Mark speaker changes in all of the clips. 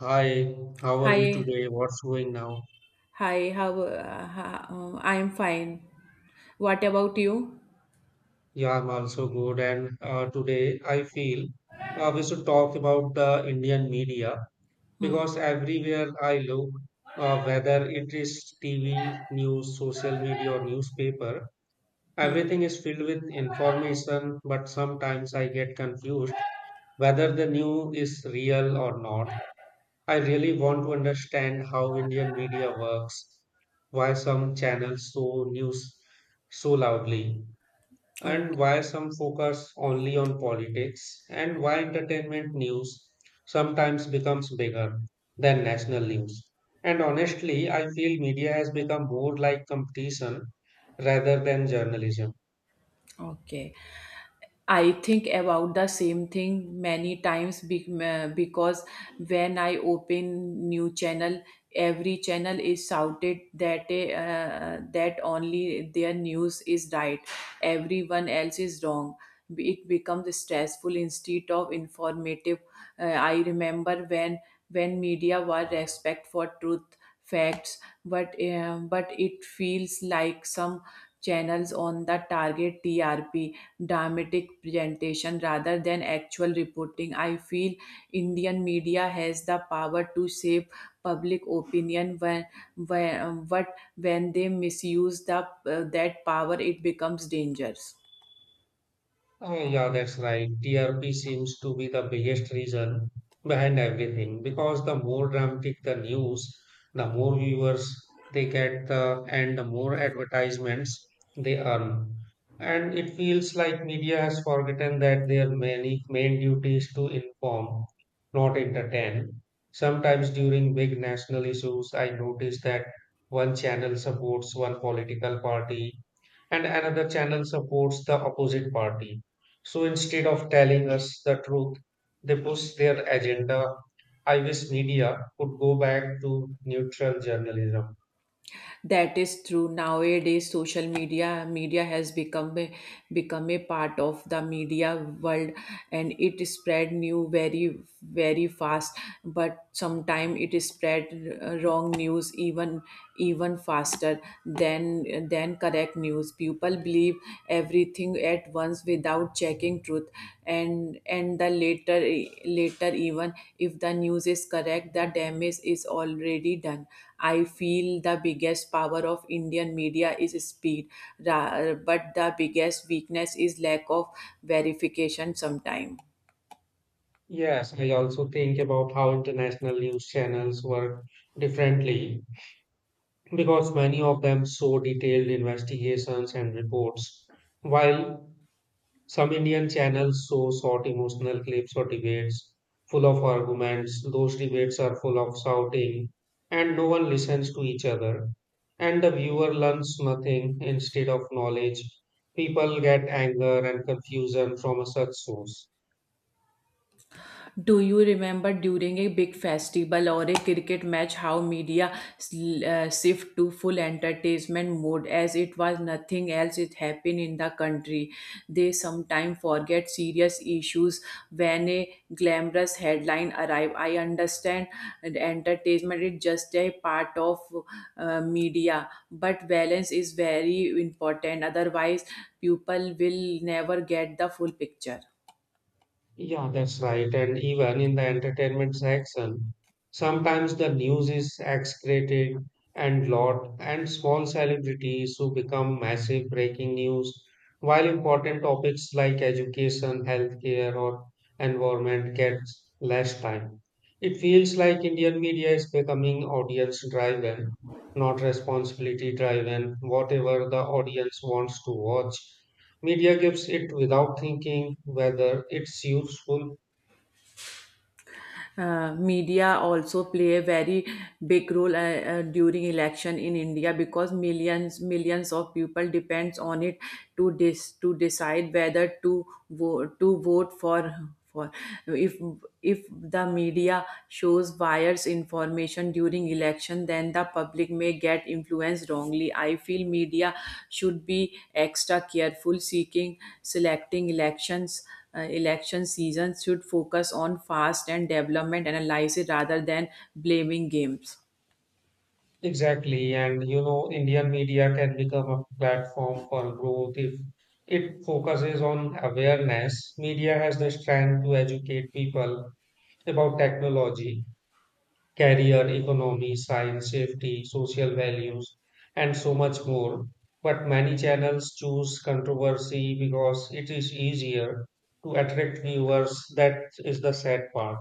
Speaker 1: Hi, how are you
Speaker 2: Hi,
Speaker 1: today? What's going now?
Speaker 2: hi, I'm fine. What about you?
Speaker 1: Yeah, I'm also good. And today I feel we should talk about the Indian media because everywhere I look, whether it is TV, news, social media, or newspaper,
Speaker 2: Hmm.
Speaker 1: everything is filled with information. But sometimes I get confused whether the news is real or not. I really want to understand how Indian media works, why some channels show news so loudly, and
Speaker 2: Okay,
Speaker 1: why some focus only on politics, and why entertainment news sometimes becomes bigger than national news. And honestly, I feel media has become more like competition rather than journalism.
Speaker 2: okay. I think about the same thing many times because when I open new channel, every channel is shouted that that only their news is right, everyone else is wrong. It becomes stressful instead of informative. I remember when media were respect for truth facts, but it feels like some channels on the target TRP, dramatic presentation rather than actual reporting. I feel Indian media has the power to shape public opinion when but when they misuse that power, it becomes dangerous.
Speaker 1: Oh, yeah, that's right. TRP seems to be the biggest reason behind everything because the more dramatic the news, the more viewers they get, and the more advertisements they earn. And it feels like media has forgotten that their many main duty is to inform, not entertain. Sometimes during big national issues, I notice that one channel supports one political party and another channel supports the opposite party. So instead of telling us the truth, they push their agenda. I wish media could go back to neutral journalism.
Speaker 2: That is true. Nowadays, social media has become become a part of the media world, and it spread new very very fast. But sometimes it spread wrong news even faster than correct news. People believe everything at once without checking truth, and the later even if the news is correct, the damage is already done. I feel the biggest power of Indian media is speed, but the biggest weakness is lack of verification sometime.
Speaker 1: Yes, I also think about how international news channels work differently because many of them show detailed investigations and reports, while some Indian channels show short emotional clips or debates full of arguments. Those debates are full of shouting, and no one listens to each other. And the viewer learns nothing instead of knowledge. People get anger and confusion from such source.
Speaker 2: Do you remember during a big festival or a cricket match how media shift to full entertainment mode as it was nothing else it happened in the country? They sometimes forget serious issues when a glamorous headline arrive. I understand that entertainment is just a part of media, but balance is very important. Otherwise, people will never get the full picture.
Speaker 1: Yeah, that's right. And even in the entertainment section, sometimes the news is excreted and lot and small celebrities who become massive breaking news, while important topics like education, healthcare, or environment get less time. It feels like Indian media is becoming audience driven, not responsibility driven, whatever the audience wants to watch. Media gives it without thinking whether it's useful.
Speaker 2: Media also play a very big role during election in India because millions of people depends on it to decide whether to vote for if if the media shows wires information during election, then the public may get influenced wrongly. I feel media should be extra careful seeking selecting elections. Election season should focus on fast and development analysis rather than blaming games.
Speaker 1: Exactly. And you know, Indian media can become a platform for growth if it focuses on awareness. Media has the strength to educate people about technology, career, economy, science, safety, social values, and so much more. But many channels choose controversy because it is easier to attract viewers. That is the sad part.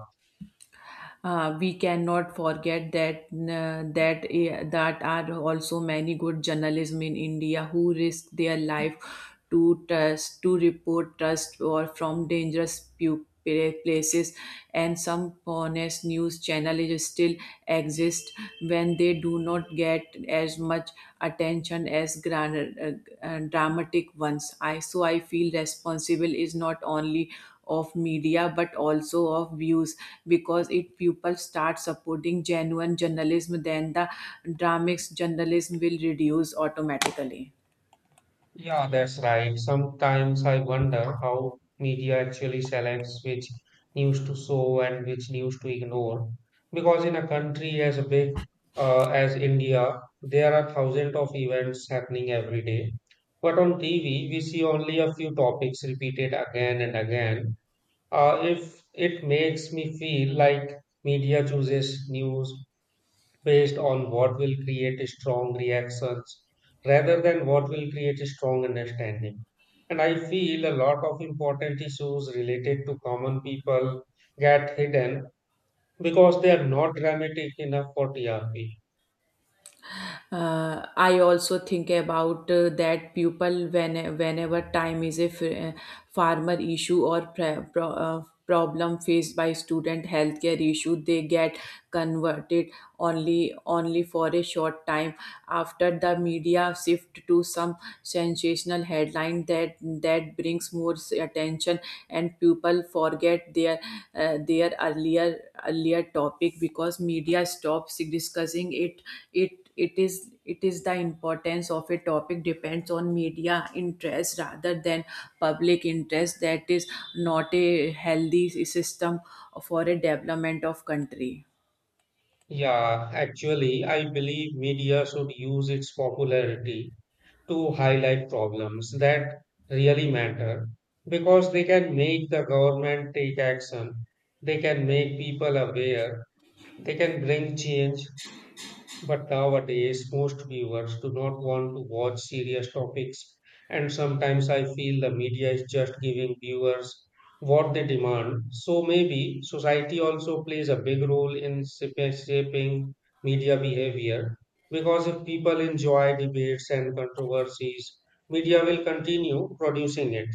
Speaker 2: We cannot forget that are also many good journalism in India who risk their life to report trust or from dangerous places, and some honest news channels still exist when they do not get as much attention as dramatic ones. I so i feel responsible is not only of media but also of views, because if people start supporting genuine journalism, then the dramatics journalism will reduce automatically.
Speaker 1: Yeah, that's right. Sometimes I wonder how media actually selects which news to show and which news to ignore. Because in a country as big as India, there are thousands of events happening every day. But on TV, we see only a few topics repeated again and again. If it makes me feel like media chooses news based on what will create strong reactions rather than what will create a strong understanding. And I feel a lot of important issues related to common people get hidden because they are not dramatic enough for TRP.
Speaker 2: I also think about that people whenever time is a farmer issue or problem faced by student healthcare issue, they get converted only for a short time, after the media shift to some sensational headline that brings more attention, and people forget their uh, their earlier earlier topic because media stops discussing it. It is the importance of a topic depends on media interest rather than public interest. That is not a healthy system for a development of country.
Speaker 1: Yeah, actually, I believe media should use its popularity to highlight problems that really matter because they can make the government take action, they can make people aware. They can bring change, but nowadays most viewers do not want to watch serious topics, and sometimes I feel the media is just giving viewers what they demand. So maybe society also plays a big role in shaping media behavior because if people enjoy debates and controversies, media will continue producing it.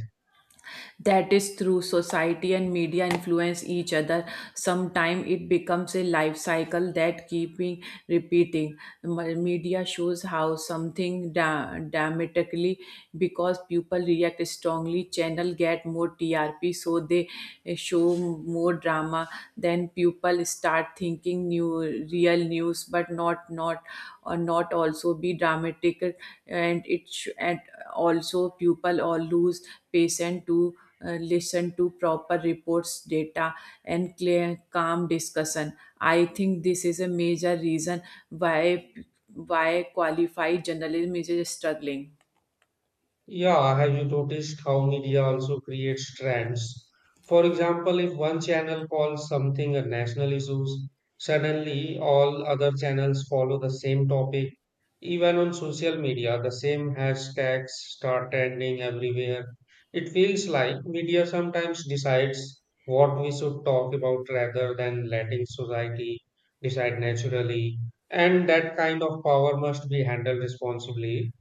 Speaker 2: That is through society and media influence each other. Sometimes it becomes a life cycle that keeping repeating. Media shows how something dramatically because people react strongly. Channel get more TRP, so they show more drama. Then people start thinking new real news but not also be dramatic, and also people or lose patient to listen to proper reports data and clear calm discussion. I think this is a major reason why why qualified journalism is struggling.
Speaker 1: Yeah, have you noticed how media also creates trends? For example, if one channel calls something a national issue, suddenly all other channels follow the same topic. Even on social media, the same hashtags start trending everywhere. It feels like media sometimes decides what we should talk about rather than letting society decide naturally. And that kind of power must be handled responsibly,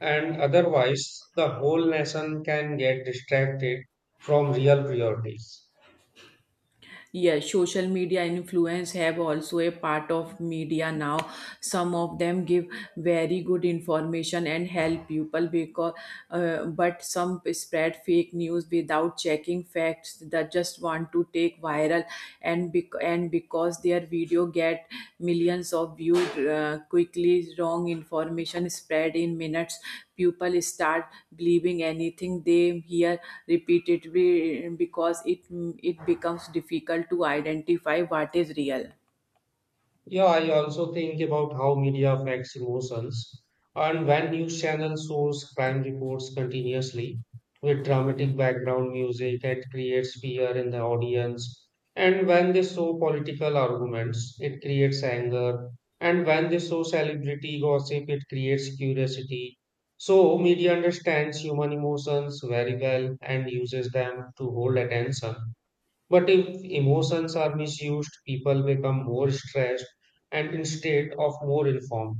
Speaker 1: and otherwise the whole nation can get distracted from real priorities.
Speaker 2: Yes, social media influence have also a part of media now. Some of them give very good information and help people, but some spread fake news without checking facts. That just want to take viral, and because their video get millions of views quickly, wrong information spread in minutes. People start believing anything they hear repeatedly because it becomes difficult to identify what is real.
Speaker 1: Yeah, I also think about how media affects emotions. And when news channels shows crime reports continuously with dramatic background music, it creates fear in the audience. And when they show political arguments, it creates anger. And when they show celebrity gossip, it creates curiosity. So, media understands human emotions very well and uses them to hold attention. But if emotions are misused, people become more stressed and instead of more informed.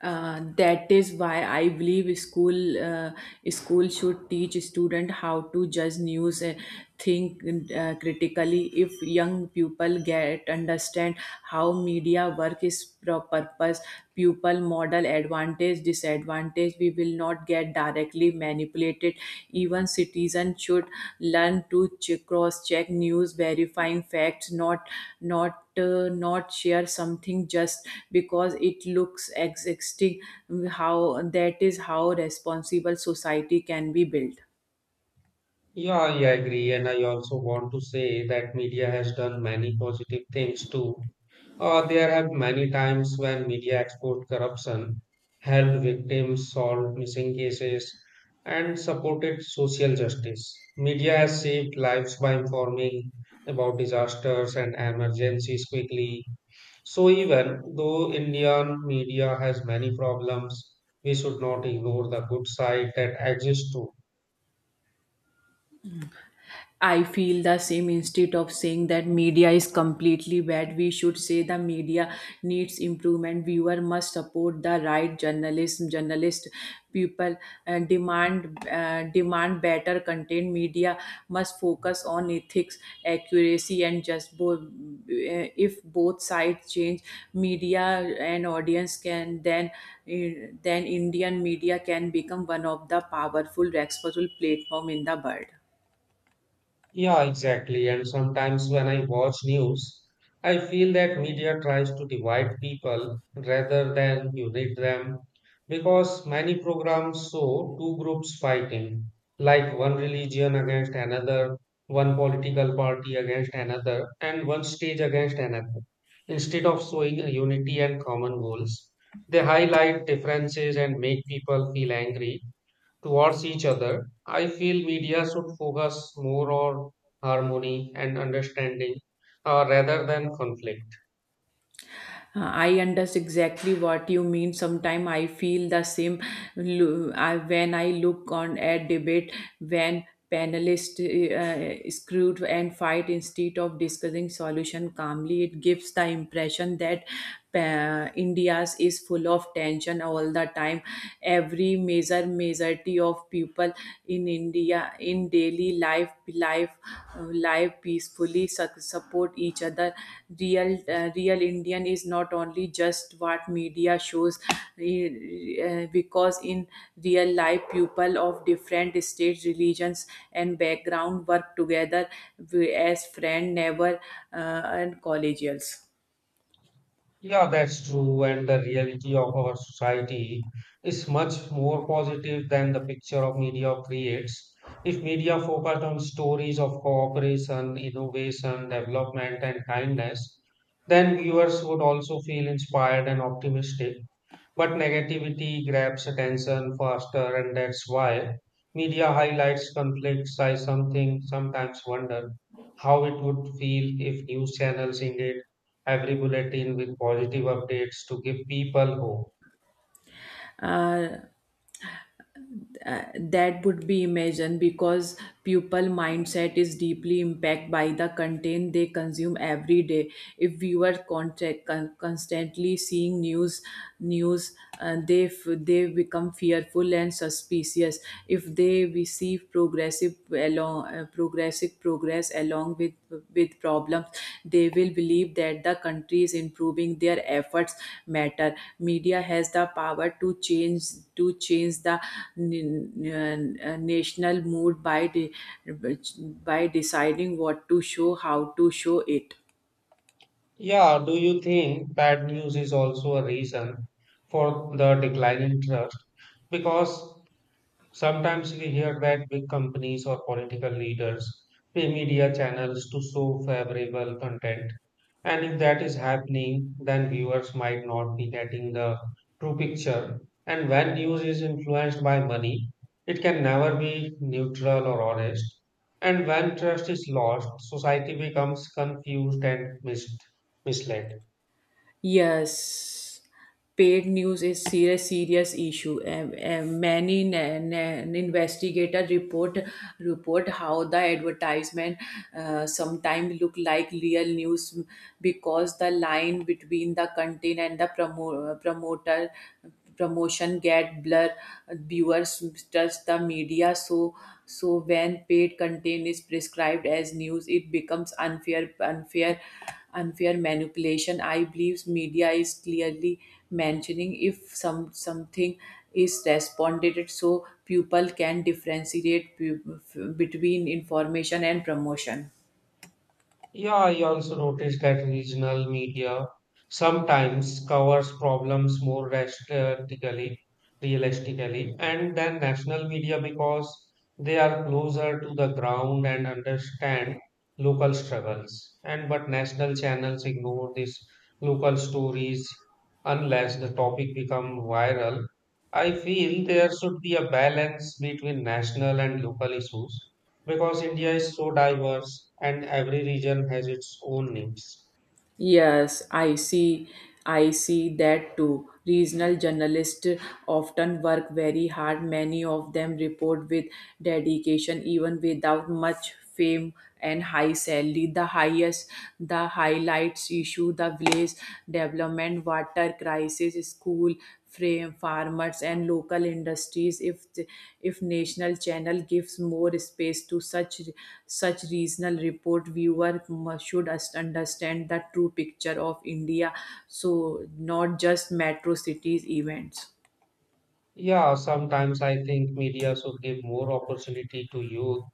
Speaker 2: That is why I believe school should teach student how to judge news, think critically. If young people get understand how media work is purpose, pupil model advantage disadvantage, we will not get directly manipulated. Even citizens should learn to cross check news, verifying facts, not share something just because it looks existing. How that is how responsible society can be built.
Speaker 1: Yeah, I agree. And I also want to say that media has done many positive things too. There have many times when media exposed corruption, helped victims solve missing cases, and supported social justice. Media has saved lives by informing about disasters and emergencies quickly. So even though Indian media has many problems, we should not ignore the good side that exists too.
Speaker 2: I feel the same instead of saying that media is completely bad. We should say the media needs improvement. Viewer must support the right journalism. Journalist people demand better content. Media must focus on ethics, accuracy, and just both. If both sides change, media and audience can then Indian media can become one of the powerful, respectful platform in the world.
Speaker 1: Yeah, exactly. And sometimes when I watch news, I feel that media tries to divide people rather than unite them because many programs show two groups fighting, like one religion against another, one political party against another, and one stage against another. Instead of showing unity and common goals, they highlight differences and make people feel angry towards each other. I feel media should focus more on harmony and understanding rather than conflict.
Speaker 2: I understand exactly what you mean. Sometimes I feel the same, when I look on a debate when panelists screwed and fight instead of discussing solution calmly. It gives the impression that India's is full of tension all the time. Every majority of people in India in daily life peacefully support each other. Real Indian is not only just what media shows, because in real life people of different states, religions, and background work together as friend, neighbor, uh, and collegials.
Speaker 1: Yeah, that's true. And the reality of our society is much more positive than the picture of media creates. If media focused on stories of cooperation, innovation, development, and kindness, then viewers would also feel inspired and optimistic. But negativity grabs attention faster, and that's why media highlights conflicts. I something sometimes wonder how it would feel if news channels ended every bulletin with positive updates to give people hope.
Speaker 2: That would be imagined because pupil mindset is deeply impacted by the content they consume every day. If viewer constantly seeing news, they become fearful and suspicious. If they receive progress along with problems, they will believe that the country is improving. Their efforts matter. Media has the power to change the national mood by deciding what to show, how to show it.
Speaker 1: Yeah, do you think bad news is also a reason for the decline in trust? Because sometimes we hear that big companies or political leaders pay media channels to show favorable content. And if that is happening, then viewers might not be getting the true picture. And when news is influenced by money, it can never be neutral or honest. And when trust is lost, society becomes confused and misled.
Speaker 2: Yes, paid news is serious issue. Many investigators report how the advertisement sometimes look like real news, because the line between the content and the promo- promoter promotion get blur. Viewers trust the media, so when paid content is prescribed as news it becomes unfair manipulation. I believe media is clearly mentioning if something is responded so people can differentiate between information and promotion.
Speaker 1: Yeah, I also noticed that regional media sometimes covers problems more realistically, and than national media because they are closer to the ground and understand local struggles. And but national channels ignore these local stories unless the topic become viral. I feel there should be a balance between national and local issues because India is so diverse and every region has its own needs.
Speaker 2: Yes, I see that too. Regional journalists often work very hard. Many of them report with dedication, even without much fame and high salary. The highlights issue, the village development, what water crisis, school, frame, farmers, and local industries. If national channel gives more space to such regional report, viewer should understand the true picture of India. So not just metro cities events.
Speaker 1: Yeah, sometimes I think media should give more opportunity to youth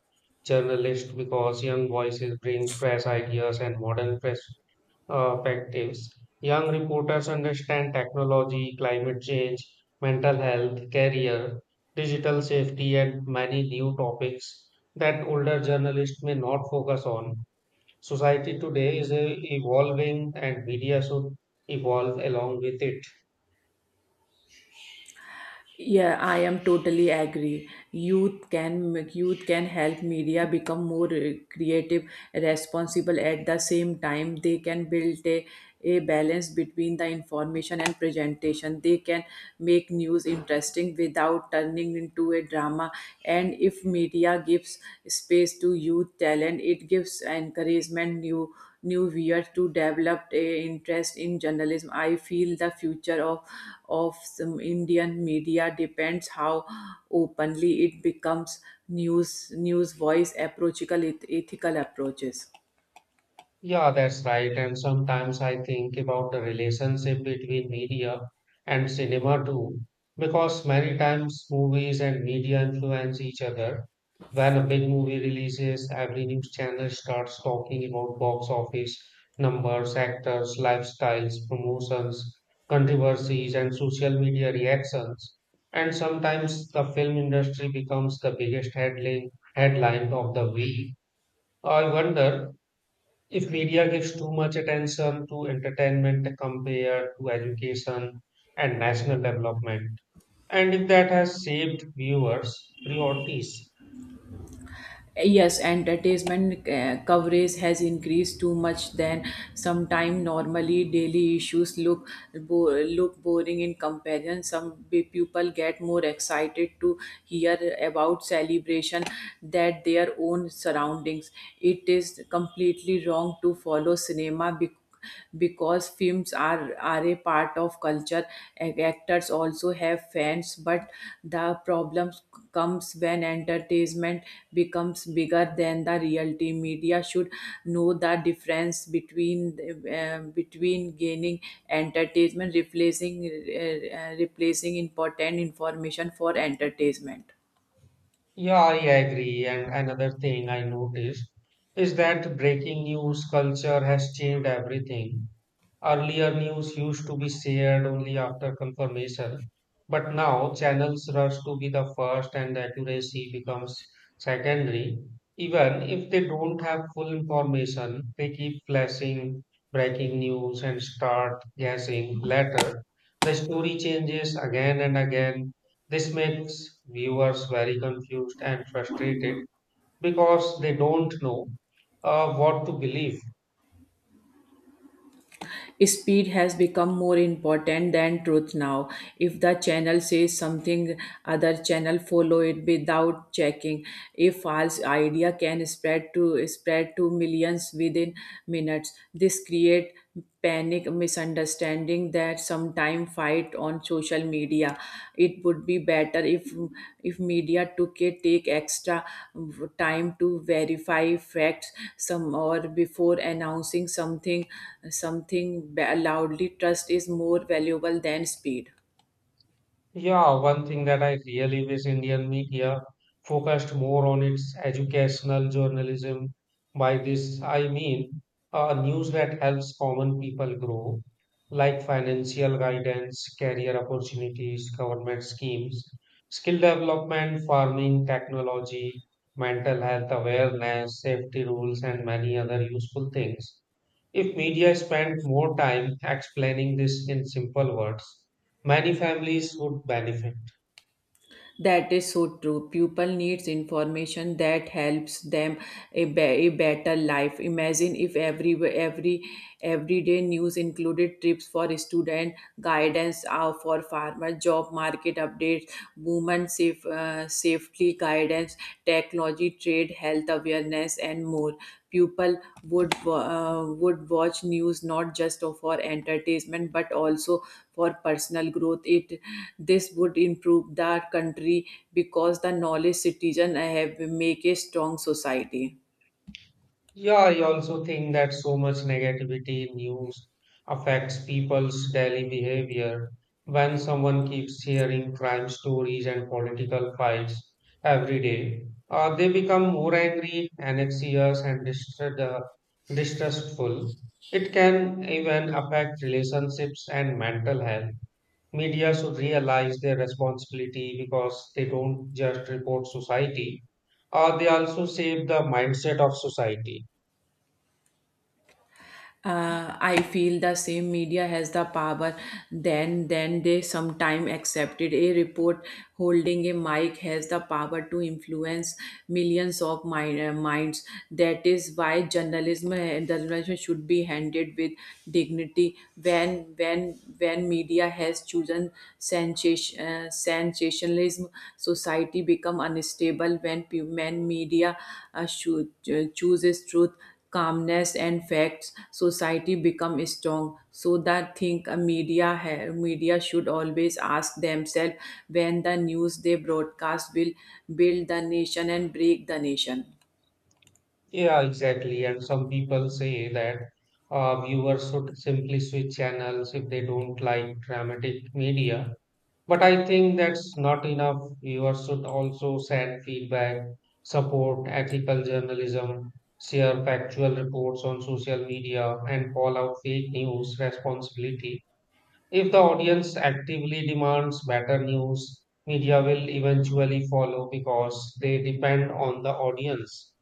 Speaker 1: journalists because young voices bring fresh ideas and modern perspectives. Young reporters understand technology, climate change, mental health, career, digital safety, and many new topics that older journalists may not focus on. Society today is evolving and media should evolve along with it.
Speaker 2: Yeah, I am totally agree. Youth can help media become more creative, responsible at the same time. They can build a balance between the information and presentation. They can make news interesting without turning into a drama. And if media gives space to youth talent, it gives encouragement new viewers to develop a interest in journalism. I feel the future of some Indian media depends how openly it becomes news voice approachable ethical approaches.
Speaker 1: Yeah, that's right. And sometimes I think about the relationship between media and cinema too, because many times movies and media influence each other. When a big movie releases, every news channel starts talking about box office numbers, actors, lifestyles, promotions, controversies, and social media reactions. And sometimes the film industry becomes the biggest headline of the week. I wonder if media gives too much attention to entertainment compared to education and national development, and if that has shaped viewers' priorities.
Speaker 2: Yes, entertainment coverage has increased too much, then sometime normally daily issues look boring in comparison. Some people get more excited to hear about celebration that their own surroundings. It is completely wrong to follow cinema, because films are a part of culture. Actors also have fans, but the problem comes when entertainment becomes bigger than the reality. Media should know the difference between gaining entertainment replacing important information for entertainment.
Speaker 1: Yeah, I agree. And another thing I noticed is that breaking news culture has changed everything. Earlier news used to be shared only after confirmation, but now channels rush to be the first and accuracy becomes secondary. Even if they don't have full information, they keep flashing breaking news and start guessing later. The story changes again and again. This makes viewers very confused and frustrated because they don't know what to believe.
Speaker 2: Speed has become more important than truth now. If the channel says something, other channel follow it without checking. A false idea can spread to millions within minutes. This create panic, misunderstanding that sometime fight on social media. It would be better if media took a take extra time to verify facts some or before announcing something loudly. Trust is more valuable than speed.
Speaker 1: Yeah, one thing that I really wish Indian media focused more on its educational journalism. By this, I mean news that helps common people grow, like financial guidance, career opportunities, government schemes, skill development, farming, technology, mental health awareness, safety rules, and many other useful things. If media spent more time explaining this in simple words, many families would benefit.
Speaker 2: That is so true. Pupil needs information that helps them a better life. Imagine if every everyday news included trips for student, guidance for farmer, job market updates, women safely guidance technology, trade, health awareness, and more. People would watch news not just for entertainment but also for personal growth. It This would improve the country, because the knowledge citizen have make a strong society.
Speaker 1: Yeah, I also think that so much negativity in news affects people's daily behavior. When someone keeps hearing crime stories and political fights every day, they become more angry, anxious, and distrustful. It can even affect relationships and mental health. Media should realize their responsibility because they don't just report society, they also shape the mindset of society.
Speaker 2: I feel the same. Media has the power, then they sometime accepted a report, holding a mic has the power to influence millions of minds. That is why journalism should be handled with dignity. When when when media has chosen sensationalism, society become unstable. When media chooses truth, calmness and facts, society become strong. So that think a media should always ask themselves when the news they broadcast will build the nation and break the nation.
Speaker 1: Yeah, exactly. And some people say that viewers should simply switch channels if they don't like dramatic media. But I think that's not enough. Viewers should also send feedback, support ethical journalism, share factual reports on social media, and call out fake news responsibility. If the audience actively demands better news, media will eventually follow because they depend on the audience.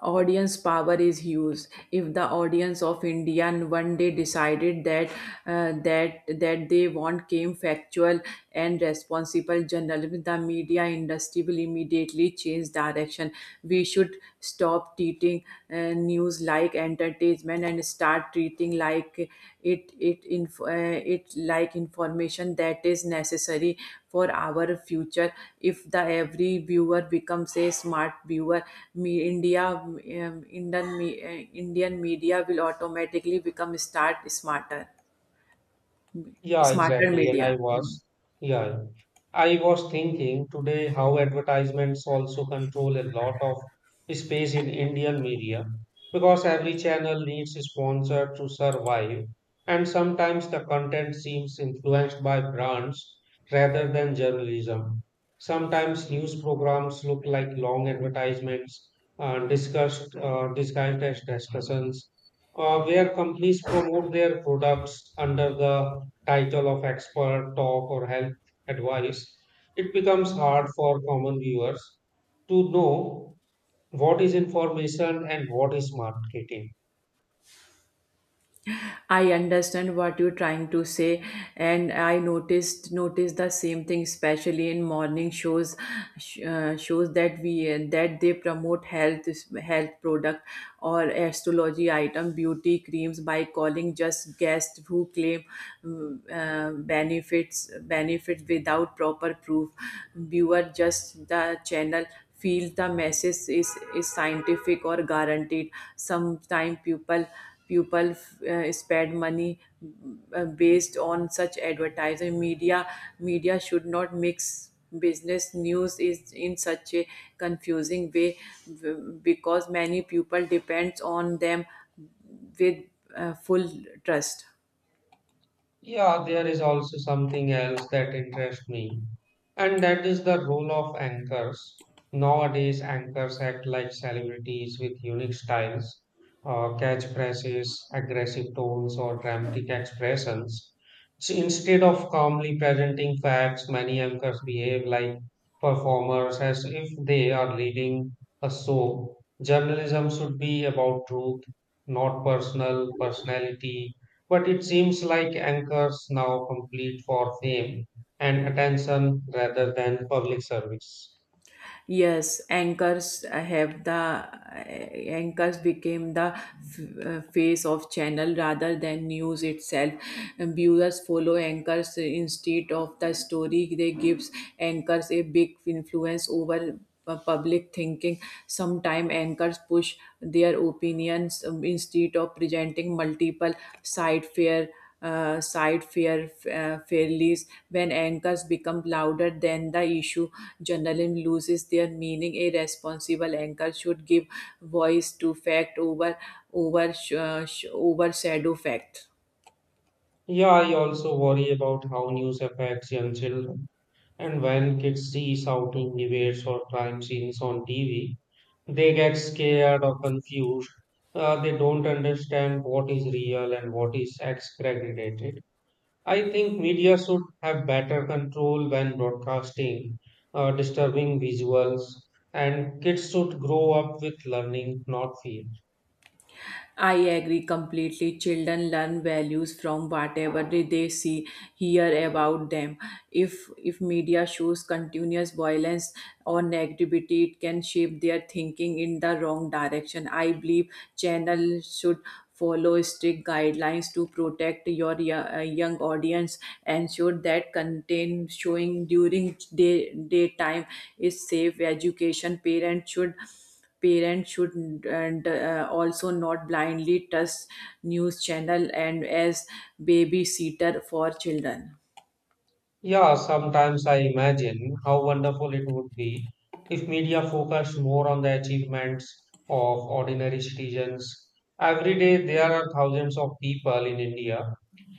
Speaker 2: Audience power is huge. If the audience of Indian one day decided that they want came factual and responsible journalism, the media industry will immediately change direction. We should stop treating uh, news like entertainment treatment, and start treating like it like information that is necessary for our future. If the every viewer becomes a smart viewer, me india indian me, Indian media will automatically become start smarter
Speaker 1: Yeah,
Speaker 2: smarter
Speaker 1: exactly.
Speaker 2: media. Mm.
Speaker 1: Yeah, I was thinking today how advertisements also control a lot of space in Indian media because every channel needs a sponsor to survive. And sometimes the content seems influenced by brands rather than journalism. Sometimes news programs look like long advertisements disguised as discussions, where companies promote their products under the title of expert talk or health advice. It becomes hard for common viewers to know what is information and what is marketing.
Speaker 2: I understand what you're trying to say, and I noticed the same thing, especially in morning shows, shows that we that they promote health product or astrology item, beauty creams, by calling just guests who claim benefits without proper proof. Viewer just the channel feel the message is scientific or guaranteed. Sometimes people spend money based on such advertising. Media should not mix business news is in such a confusing way, because many people depends on them with full trust.
Speaker 1: Yeah, there is also something else that interests me, and that is the role of anchors. Nowadays, anchors act like celebrities with unique styles, catchphrases, aggressive tones, or dramatic expressions. So instead of calmly presenting facts, many anchors behave like performers as if they are leading a show. Journalism should be about truth, not personality. But it seems like anchors now complete for fame and attention rather than public service.
Speaker 2: Yes, anchors became the face of channel rather than news itself. And viewers follow anchors instead of the story. They gives anchors a big influence over public thinking. Sometime anchors push their opinions, instead of presenting multiple side fair side fair fairly. When anchors become louder than the issue, journalism loses their meaning. A responsible anchor should give voice to fact, overshadow fact.
Speaker 1: Yeah, I also worry about how news affects young children. And when kids see shouting debates or crime scenes on TV, they get scared or confused. They don't understand what is real and what is exaggerated. I think media should have better control when broadcasting disturbing visuals, and kids should grow up with learning, not fear.
Speaker 2: I agree completely. Children learn values from whatever they see, hear about them. If media shows continuous violence or negativity, it can shape their thinking in the wrong direction. I believe channels should follow strict guidelines to protect young audience, ensure that content showing during daytime is safe education. Parents should and also not blindly trust news channel and as babysitter for children.
Speaker 1: Yeah, sometimes I imagine how wonderful it would be if media focused more on the achievements of ordinary citizens. Every day, there are thousands of people in India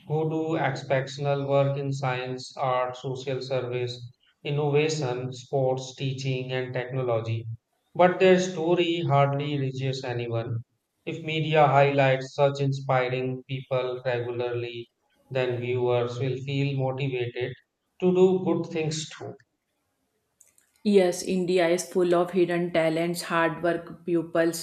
Speaker 1: who do exceptional work in science, art, social service, innovation, sports, teaching, and technology. But their story hardly reaches anyone. If media highlights such inspiring people regularly, then viewers will feel motivated to do good things too.
Speaker 2: Yes, India is full of hidden talents, hard work pupils,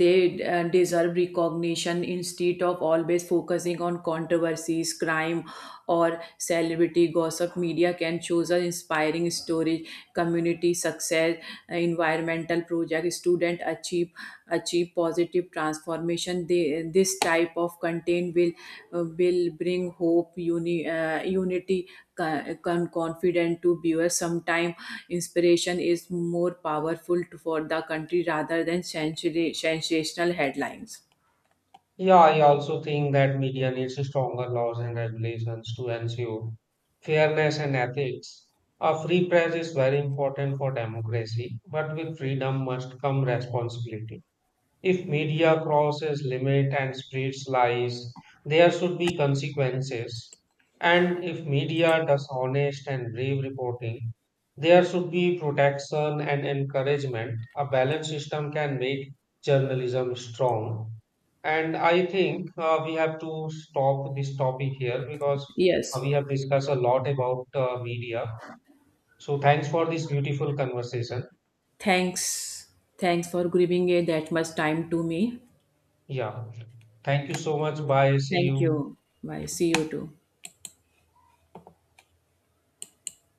Speaker 2: they deserve recognition, instead of always focusing on controversies, crime, or celebrity gossip. Media can choose an inspiring story, community success, environmental projects, to student achieve positive transformation. They, this type of content will will bring hope, unity, confident to viewers. Sometimes inspiration is more powerful for the country rather than sensational headlines.
Speaker 1: Yeah, I also think that media needs stronger laws and regulations to ensure fairness and ethics. A free press is very important for democracy, but with freedom must come responsibility. If media crosses limit and spreads lies, there should be consequences. And if media does honest and brave reporting, there should be protection and encouragement. A balanced system can make journalism strong. And I think we have to stop this topic here because
Speaker 2: Yes,
Speaker 1: we have discussed a lot about media. So thanks for this beautiful conversation.
Speaker 2: thanks thanks for giving that much time to me.
Speaker 1: Yeah. Thank you so much. Bye. See
Speaker 2: Thank
Speaker 1: you.
Speaker 2: you. Bye, see you too.